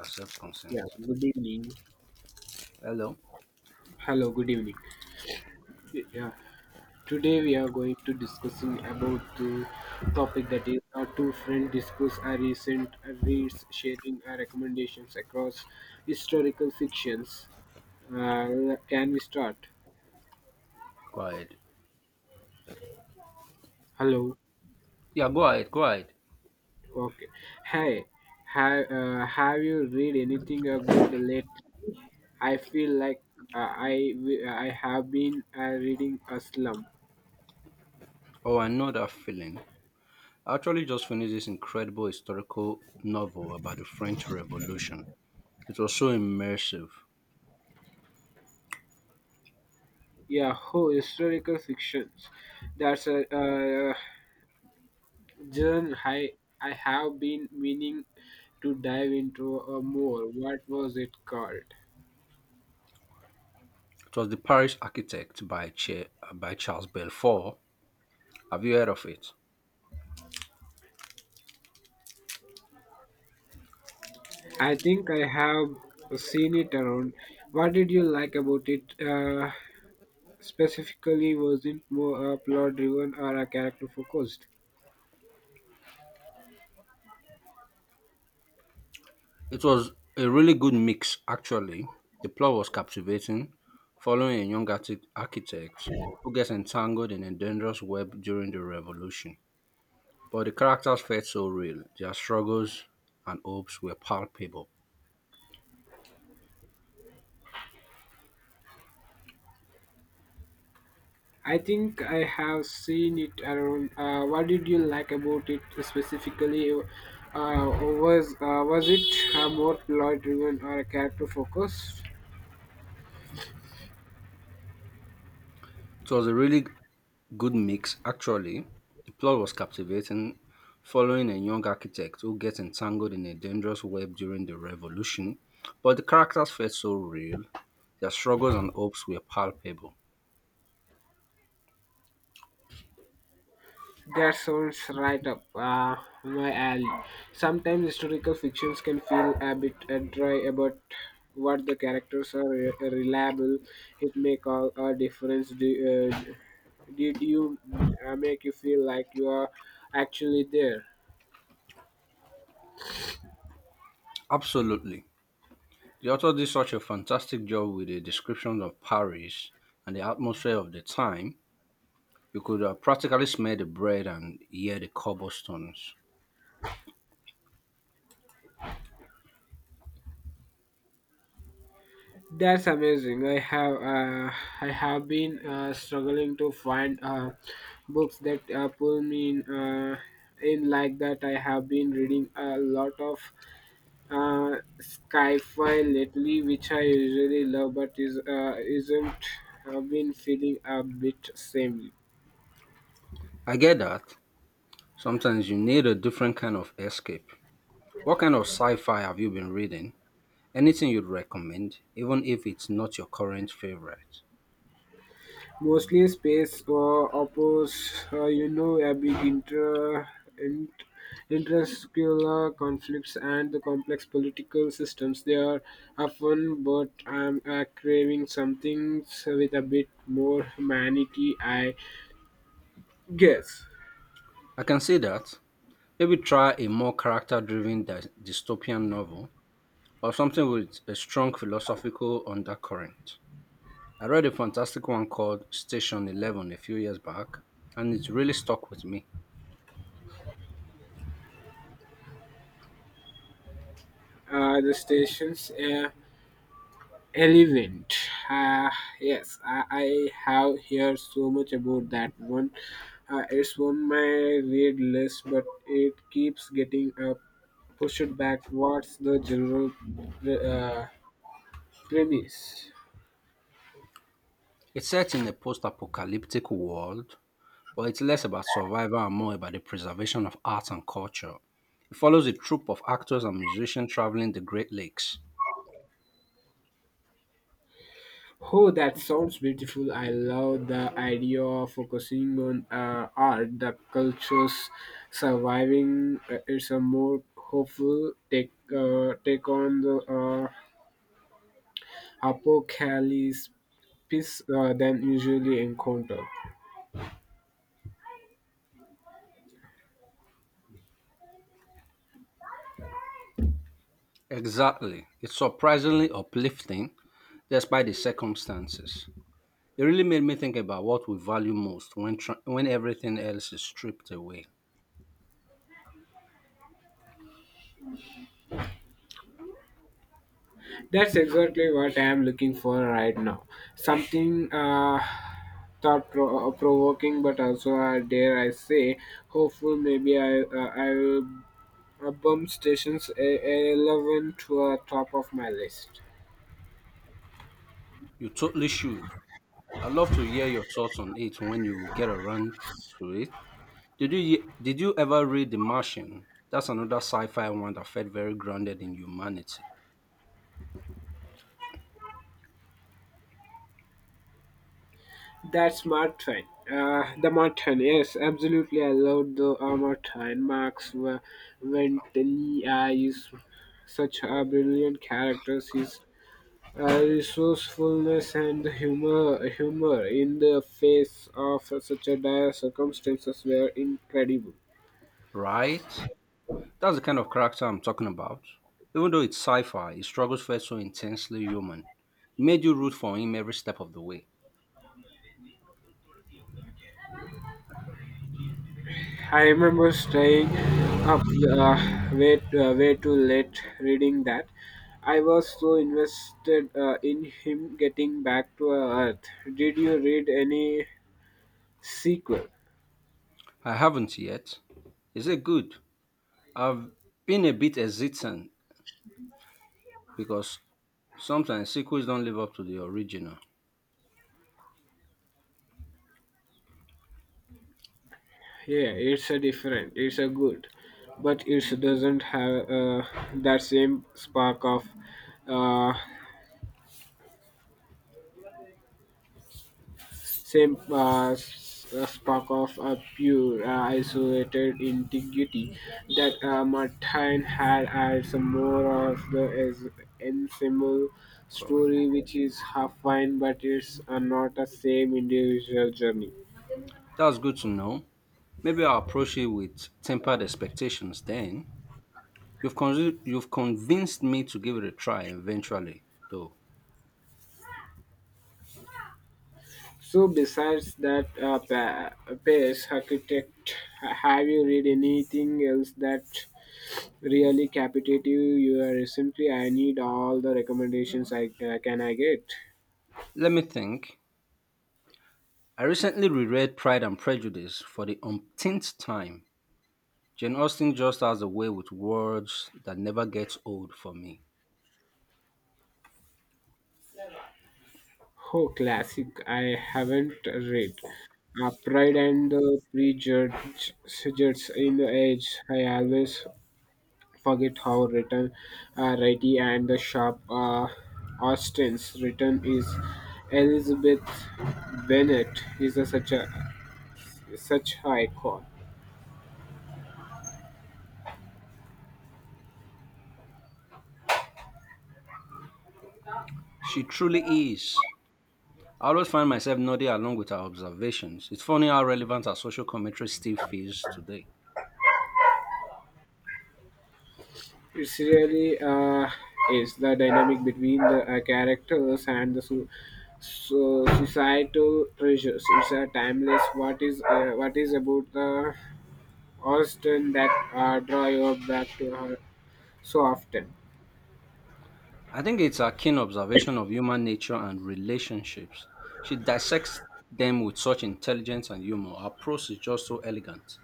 Accept Yeah, consent. good evening. Hello? Hello, good evening. Yeah, today we are going to discussing about the topic that is our two friend discuss our recent reads, sharing our recommendations across historical fictions. Can we start? Go ahead. Hello. Yeah, go ahead, go ahead. Okay. Hey, have you read anything good late? I feel like uh, I I have been reading a slum. Oh, I know that feeling. I actually just finished this incredible historical novel about the French Revolution. It was so immersive. Yeah, oh, historical fictions. That's a genre I have been meaning to dive into more. What was it called? It was The Paris Architect by, by Charles Belfort. Have you heard of it? I think I have seen it around. What did you like about it? Specifically, was it more plot driven or a character focused? It was a really good mix, actually. The plot was captivating, following a young architect who gets entangled in a dangerous web during the revolution. But the characters felt so real, their struggles and hopes were palpable. I think I have seen it around. What did you like about it specifically? Was it more plot driven or character focused? It was a really good mix, actually. The plot was captivating, following a young architect who gets entangled in a dangerous web during the revolution. But the characters felt so real, their struggles and hopes were palpable. That sounds right up my alley. Sometimes historical fictions can feel a bit dry about what the characters are reliable. It make all a difference. Uh, did you make you feel like you are actually there? Absolutely. The author did such a fantastic job with the description of Paris and the atmosphere of the time. You could practically smell the bread and hear the cobblestones. That's amazing. I have been struggling to find books that pull me in like that. I have been reading a lot of sci-fi lately, which I usually love, but is isn't have been feeling a bit samey. I get that. Sometimes you need a different kind of escape. What kind of sci fi have you been reading? Anything you'd recommend, even if it's not your current favorite? Mostly space or oppose, you know, a big int, intrascular conflicts and the complex political systems. They are often, but I'm craving something with a bit more humanity, I guess. I can see that. Maybe try a more character driven dystopian novel or something with a strong philosophical undercurrent. I read a fantastic one called Station 11 a few years back, and it really stuck with me. The stations, yeah. Elephant. Uh, yes, I have heard so much about that one. It's on my read list, but it keeps getting pushed back. What's the general uh, premise? It's set in a post apocalyptic world, but it's less about survival and more about the preservation of art and culture. It follows a troupe of actors and musicians traveling the Great Lakes. Oh, that sounds beautiful. I love the idea of focusing on art, the cultures surviving. It's a more hopeful take on the apocalypse than usually encounter. Exactly. It's surprisingly uplifting despite the circumstances. It really made me think about what we value most when, when everything else is stripped away. That's exactly what I am looking for right now. Something thought provoking, but also, dare I say, hopeful. Maybe I will bump stations 11 to the top of my list. You totally should. I'd love to hear your thoughts on it when you get around to it. Did you did you ever read The Martian? That's another sci-fi one that felt very grounded in humanity, That's Martin. The Martin, yes, absolutely. I loved the Martin. Ventani is such a brilliant character. His resourcefulness and humor in the face of such a dire circumstances were incredible. right? That's the kind of character I'm talking about. Even though it's sci fi, his struggles felt so intensely human. It made you root for him every step of the way. I remember staying up way too late reading that. I was so invested in him getting back to Earth. Did you read any sequel? I haven't yet. Is it good? I've been a bit hesitant because sometimes sequels don't live up to the original. Yeah, it's a different. It's a good, but it doesn't have that same spark of uh, spark of a pure, isolated integrity that Martin had as more of the as ensemble God. story, which is half fine, but it's not a same individual journey. That's good to know. Maybe I'll approach it with tempered expectations then. You've convinced me to give it a try eventually, though. So, besides that pace architect, have you read anything else that really captivated you? You are recently. I need all the recommendations I can I get. Let me think. I recently reread Pride and Prejudice for the umpteenth time. Jane Austen just has a way with words that never gets old for me. Oh, classic. I haven't read. Pride and the Prejudice suggests in the age. I always forget how written, righty and the sharp Austin's written is. Elizabeth Bennet is such a such icon. She truly is. I always find myself nodding along with her observations. It's funny how relevant her social commentary still feels today. It's really is the dynamic between the characters and the so societal pressures. It's a timeless. What is about the Austin that draw you back to her so often? I think it's her keen observation of human nature and relationships. She dissects them with such intelligence and humor. Her prose is just so elegant.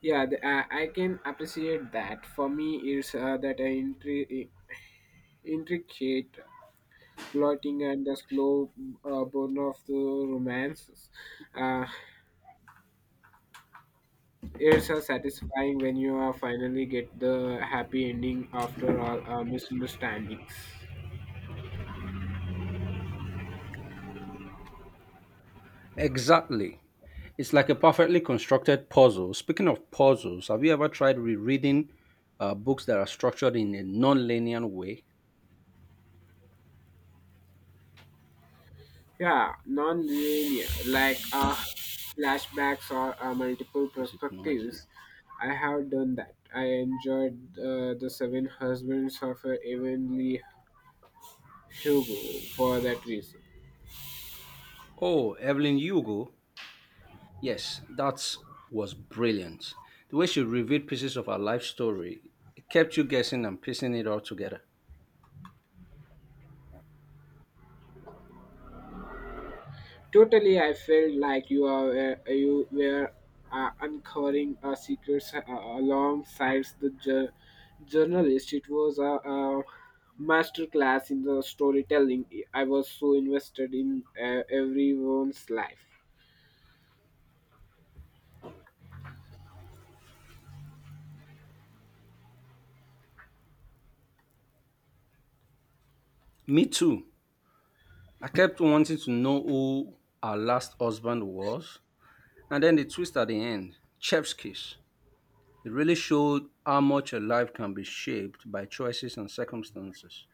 Yeah, I can appreciate that. For me, it's intricate plotting and the slow burn of the romances. Uh, It's satisfying when you finally get the happy ending after all misunderstandings. Exactly. It's like a perfectly constructed puzzle. Speaking of puzzles, have you ever tried rereading books that are structured in a non-linear way? Yeah, non-linear, like flashbacks or multiple This is noisy. perspectives. I have done that. I enjoyed the Seven Husbands of Evenly Hugo for that reason. Oh, Evelyn Hugo. Yes, that was brilliant. The way she revealed pieces of her life story, it kept you guessing and piecing it all together. Totally, I felt like you were uncovering a secret alongside the journalist. It was a masterclass in the storytelling. I was so invested in everyone's life. Me too. I kept wanting to know who her last husband was. And then the twist at the end, Chef's kiss. It really showed how much a life can be shaped by choices and circumstances.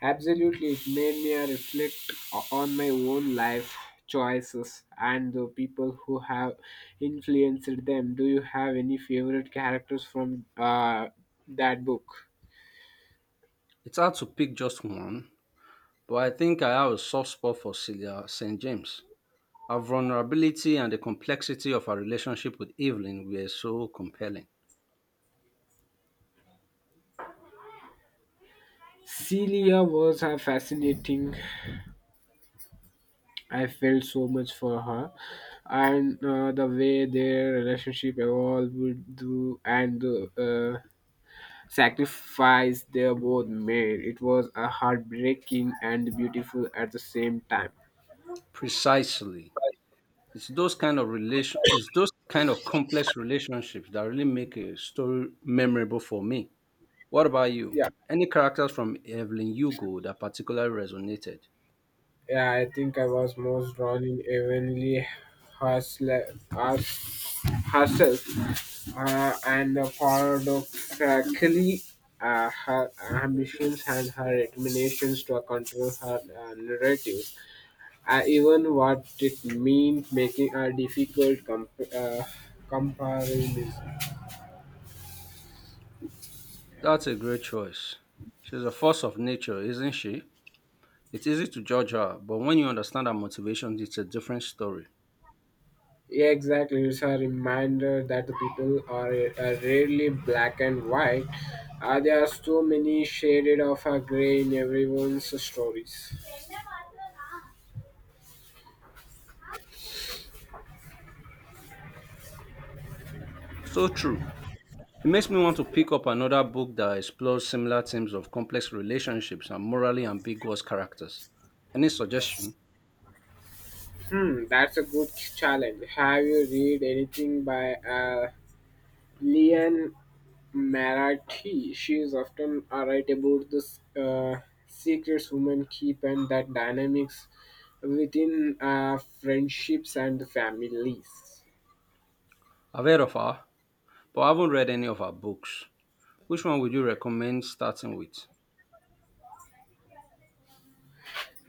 Absolutely, it made me reflect on my own life choices and the people who have influenced them. Do you have any favorite characters from that book? It's hard to pick just one, but I think I have a soft spot for Celia St. James. Her vulnerability and the complexity of her relationship with Evelyn were so compelling. Celia was fascinating. I felt so much for her, and the way their relationship evolved would do, and the sacrifice they both made. It was a heartbreaking and beautiful at the same time. Precisely. It's those kind of complex relationships that really make a story memorable for me. What about you? Yeah. Any characters from Evelyn Hugo that particularly resonated? Yeah, I think I was most drawn in Evenly Hustle- Hus- Hustle and the paradoxically her ambitions and her determinations to control her narratives, even what it meant making a difficult comparison. That's a great choice. She's a force of nature, isn't she? It's easy to judge her, but when you understand her motivations, it's a different story. Yeah, exactly. It's a reminder that the people are rarely black and white. There are so many shaded of a gray in everyone's stories. So true. It makes me want to pick up another book that explores similar themes of complex relationships and morally ambiguous characters. Any suggestion? Hmm, that's a good challenge. Have you read anything by Leon Marathi? She is often right about the uh, secrets women keep and that dynamics within friendships and families. I've heard of her, but I haven't read any of her books. Which one would you recommend starting with?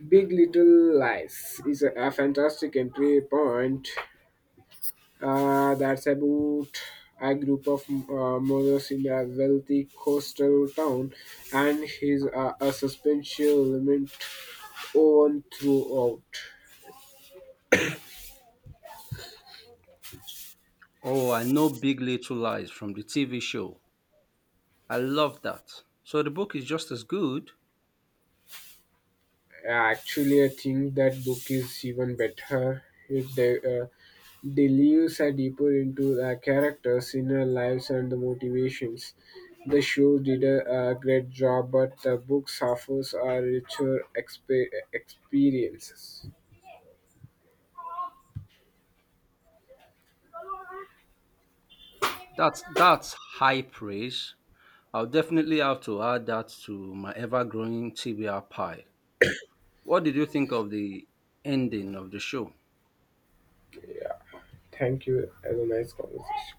Big Little Lies is a fantastic entry point that's about a group of mothers in a wealthy coastal town and his a suspension element on throughout. Oh, I know Big Little Lies from the TV show. I love that. So the book is just as good. Actually, I think that book is even better. It delves a deeper into the characters' inner lives and the motivations. The show did a great job, but the book offers a richer experiences. That's high praise. I'll definitely have to add that to my ever growing TBR pile. What did you think of the ending of the show? Yeah. Thank you. Have a nice conversation.